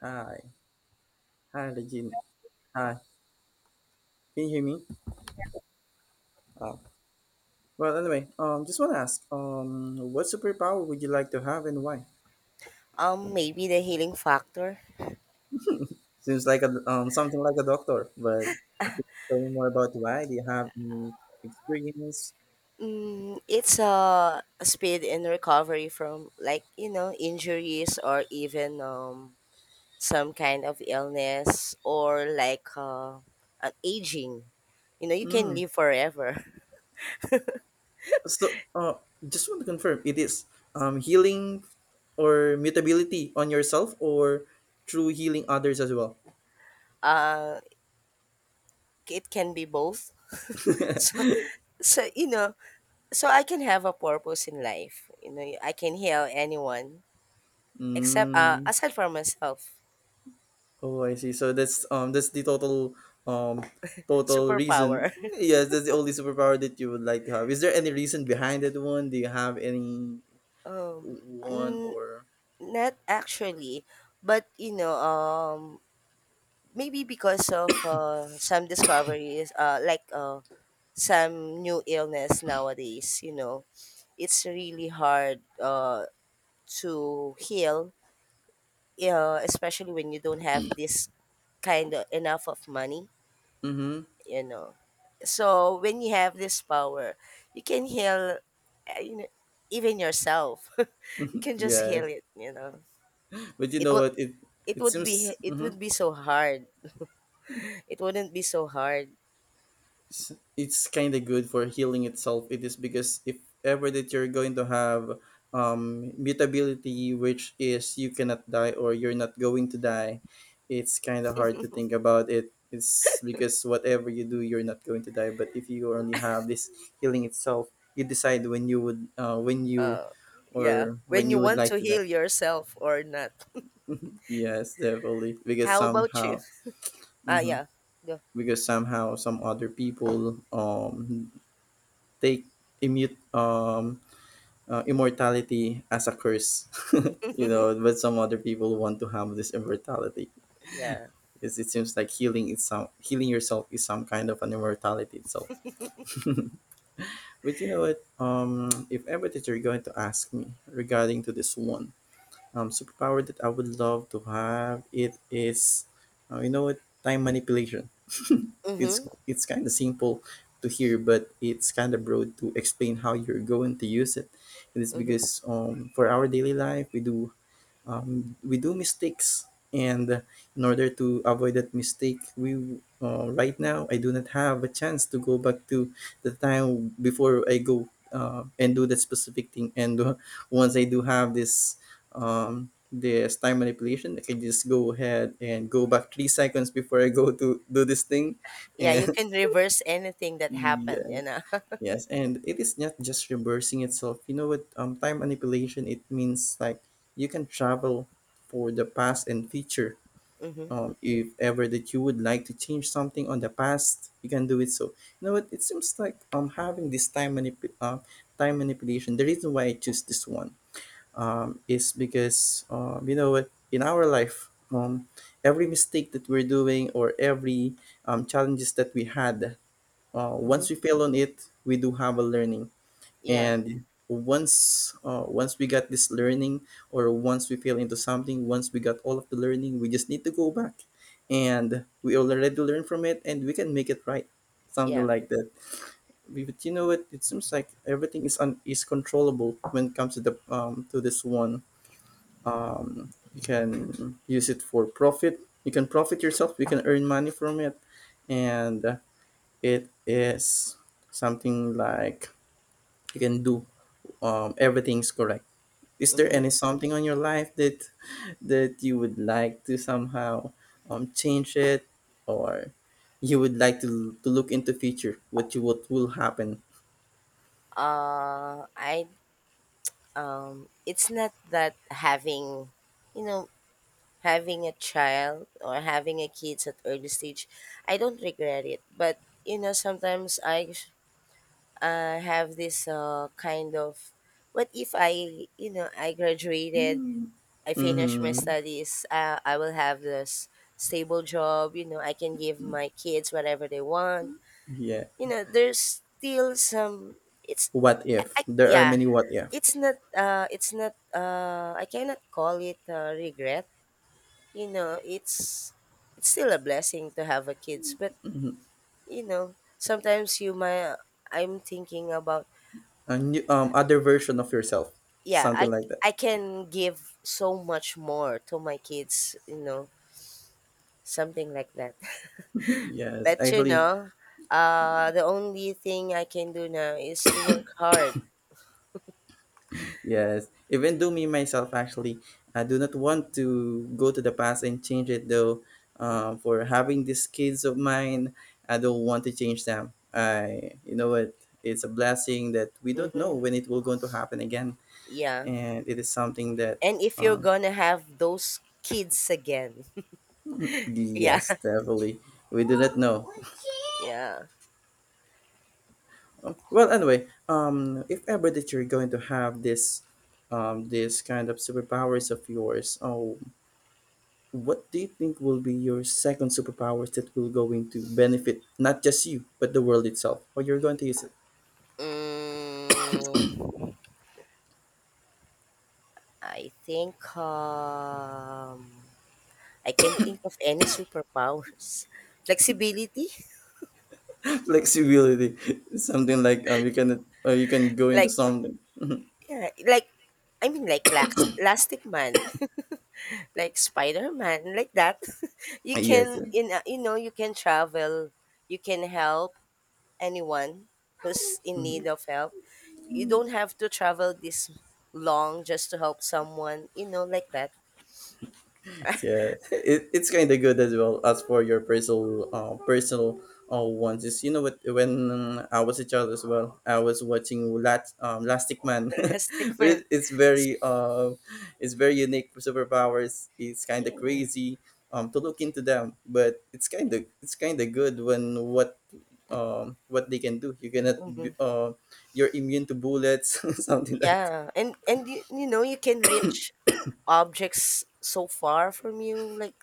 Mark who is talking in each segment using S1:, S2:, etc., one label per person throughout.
S1: Hi, hi, Regine. Hi, can you hear me? Oh. Well, anyway, just want to ask, what superpower would you like to have and why?
S2: Maybe the healing factor.
S1: Seems like a something like a doctor, but can you tell me more about why? Do you have any experience?
S2: Mm, it's a speed in recovery from like you know injuries or even some kind of illness or like an aging. You know, you can
S1: Mm.
S2: live forever.
S1: So, uh, just want to confirm, it is healing or mutability on yourself or through healing others as well.
S2: It can be both. so so you know so I can have a purpose in life, you know, I can heal anyone except
S1: Mm.
S2: aside from myself
S1: Oh, I see. So that's the um total reason.
S2: superpower.
S1: Yes, that's the only superpower that you would like to have. Is there any reason behind that one? Do you have any
S2: um
S1: one
S2: mm,
S1: or?
S2: Not actually, but you know, maybe because of some discoveries, some new illness nowadays, you know, it's really hard, to heal, especially when you don't have this kind of enough of money,
S1: Mm-hmm.
S2: you know. So when you have this power, you can heal, you know, even yourself. You can just heal
S1: Yes,
S2: it, you know.
S1: but you
S2: It
S1: know
S2: will
S1: what? It
S2: it
S1: it
S2: would be
S1: seems.
S2: it
S1: Mm-hmm.
S2: would be so hard. It wouldn't be so hard.
S1: It's kind of good for healing itself. It is because if ever that you're going to have mutability, which is you cannot die or you're not going to die, it's kind of hard to think about it. It's because whatever you do, you're not going to die. But if you only have this healing itself, you decide when you would,
S2: Yeah.
S1: or when
S2: When you
S1: you would
S2: want
S1: like
S2: to
S1: to die.
S2: heal yourself or not.
S1: Yes, definitely. Because
S2: How about you?
S1: somehow,
S2: Ah,
S1: hmm,
S2: yeah. Go.
S1: because somehow some other people take immute immortality as a curse. You know, but some other people want to have this immortality
S2: Yeah.
S1: because it seems like healing is some healing yourself is some kind of an immortality itself. But you know what, if ever that you're going to ask me regarding to this one superpower that I would love to have, it is you know what, time manipulation. it's
S2: Mm-hmm.
S1: it's kind of simple to hear, but it's kind of broad to explain how you're going to use it. It is
S2: Mm-hmm.
S1: because for our daily life, we do mistakes and in order to avoid that mistake we right now I do not have a chance to go back to the time before I go and do that specific thing and once I do have this time manipulation I can just go ahead and go back 3 seconds before I go to do this thing
S2: Yeah, you
S1: and
S2: can reverse anything that happened,
S1: yeah.
S2: you know.
S1: Yes, and it is not just reversing itself. You know what? Time manipulation, it means like you can travel for the past and future.
S2: Mm-hmm.
S1: If ever that you would like to change something on the past, you can do it. So you know what? It seems like having this time manipulation. The reason why I choose this one is because you know what, in our life every mistake that we're doing or every challenges that we had,
S2: Mm-hmm.
S1: once we fail on it we do have a learning,
S2: Yeah.
S1: and once we got this learning or once we fell into something, once we got all of the learning, we just need to go back and we already learned from it and we can make it right. Something
S2: Yeah.
S1: like that. But you know what, it seems like everything is controllable when it comes to the to this one. You can use it for profit, you can profit yourself, you can earn money from it, and it is something like you can do everything's correct. Is there
S2: Mm-hmm.
S1: any something on your life that that you would like to somehow change it, or you would like to, look into future what you what will happen.
S2: I It's not that having, you know, having a child or having a kids at early stage, I don't regret it. But you know, sometimes I have this kind of what if I, you know, I graduated, I finished my
S1: Mm-hmm.
S2: studies, I will have this stable job, you know, I can give my kids whatever they want,
S1: Yeah,
S2: you know. There's still some, it's,
S1: what if, there are
S2: yeah,
S1: many what if,
S2: it's not I cannot call it, regret, you know. It's still a blessing to have a kids, but you know, sometimes you might, I'm thinking about,
S1: a new, other version of yourself,
S2: yeah,
S1: something like that.
S2: I can give so much more to my kids, you know, something like that.
S1: Yes,
S2: But you
S1: actually.
S2: know, the only thing I can do now is to work hard.
S1: Yes, even do me myself actually. I do not want to go to the past and change it though. For having these kids of mine, I don't want to change them. I, you know what? It's a blessing that we don't know
S2: Mm-hmm.
S1: when it will going to happen again,
S2: Yeah.
S1: and it is something that,
S2: And if you're
S1: um,
S2: gonna have those kids again. Yeah.
S1: yes, definitely, we do not know.
S2: Yeah.
S1: Well, anyway, if ever that you're going to have this, this kind of superpowers of yours, oh, what do you think will be your second superpowers that will going to benefit not just you but the world itself? Or you're going to use it?
S2: mm, I think I can not think of any superpowers. Flexibility,
S1: Flexibility, something like you can go into
S2: like.
S1: something.
S2: Yeah, like I mean like lax Elastic Man, like Spider-Man, like that. You
S1: Yes.
S2: can, you know, you know you can travel, you can help anyone who's in need
S1: Yes.
S2: of help. You don't have to travel this long just to help someone, you know, like that.
S1: Yeah, it's kind of good as well as for your personal ones. Is, you know what? When I was a child as well, I was watching Lat Elastic Man.
S2: Elastic Man.
S1: It's very it's very unique for superpowers. It's kind of crazy, to look into them, but it's kind of good when what, what they can do. You cannot
S2: Hmm.
S1: be, you're immune to bullets, something like that.
S2: Yeah, and you, you know you can reach objects so far from you, like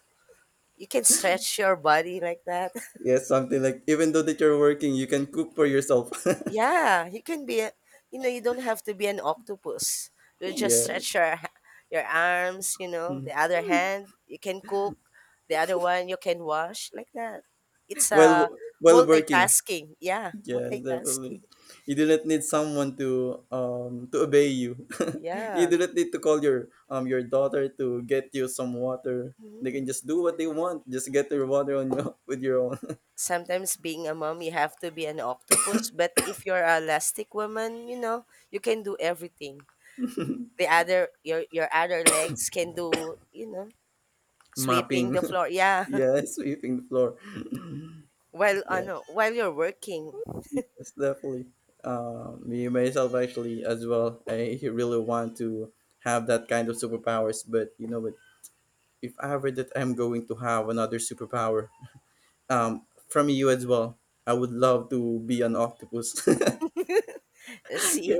S2: you can stretch your body like that.
S1: Yeah, something like even though that you're working, you can cook for yourself.
S2: Yeah, you can be, a, you know, you don't have to be an octopus. You just
S1: Yeah.
S2: stretch your your arms, you know, the
S1: Mm.
S2: other hand you can cook, the other one you can wash like that. It's
S1: While
S2: a
S1: w- while working.
S2: multitasking. Yeah,
S1: Yes, definitely.
S2: multitasking.
S1: You do not need someone to to obey you. You
S2: Yeah.
S1: do not need to call your daughter to get you some water. They can just do what they want. Just get your water on your with your own.
S2: Sometimes being a mom, you have to be an octopus, but if you're a elastic woman, you know, you can do everything. The other your other legs can do, you know, sweeping
S1: Mopping.
S2: the floor. Yeah.
S1: Yeah, sweeping the floor.
S2: While
S1: Yeah,
S2: while you're working.
S1: yes, definitely. Me myself actually as well. I really want to have that kind of superpowers, but you know, but if ever that I'm going to have another superpower, from you as well. I would love to be an octopus. Yes,
S2: See,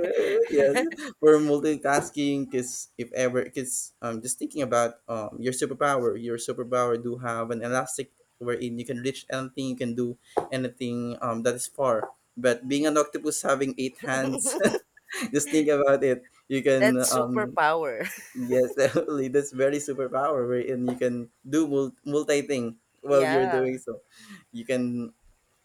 S1: for multitasking. Cause if ever, cause just thinking about your superpower. Your superpower do have an elastic wherein you can reach anything, you can do anything that is far. But being an octopus having 8 hands, just think about it. You can
S2: that's superpower.
S1: yes definitely, that's very superpower wherein you can do multi thing while you're doing
S2: Yeah.
S1: so you can,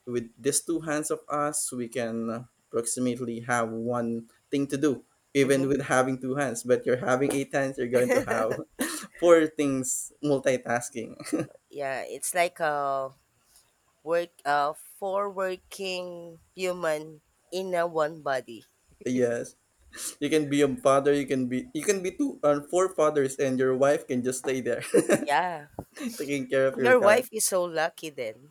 S1: with these two hands of us, we can approximately have one thing to do, even
S2: Hmm.
S1: with having two hands. But you're having eight hands, you're going to have 4 things multitasking.
S2: Yeah, it's like a work for working human in a one body.
S1: Yes, you can be a father, you can be, you can be two or four fathers, and your wife can just stay there,
S2: Yeah.
S1: taking care of your
S2: Your
S1: guy.
S2: wife is so lucky then.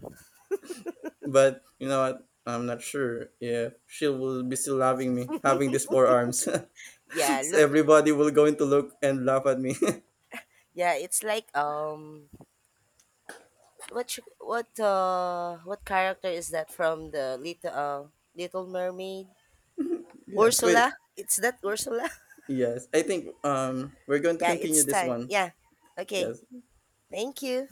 S1: But you know what? I'm not sure if she will be still loving me having these 4 arms. So
S2: Yeah, look.
S1: everybody will going to look and laugh at me.
S2: Yeah, it's like what you, what character is that from the little Little Mermaid?
S1: Yes. Wait.
S2: Ursula? It's that Ursula?
S1: Yes, I think we're going to
S2: Yeah,
S1: continue
S2: it's
S1: this
S2: time.
S1: one.
S2: Yeah. Okay.
S1: Yes.
S2: Thank you.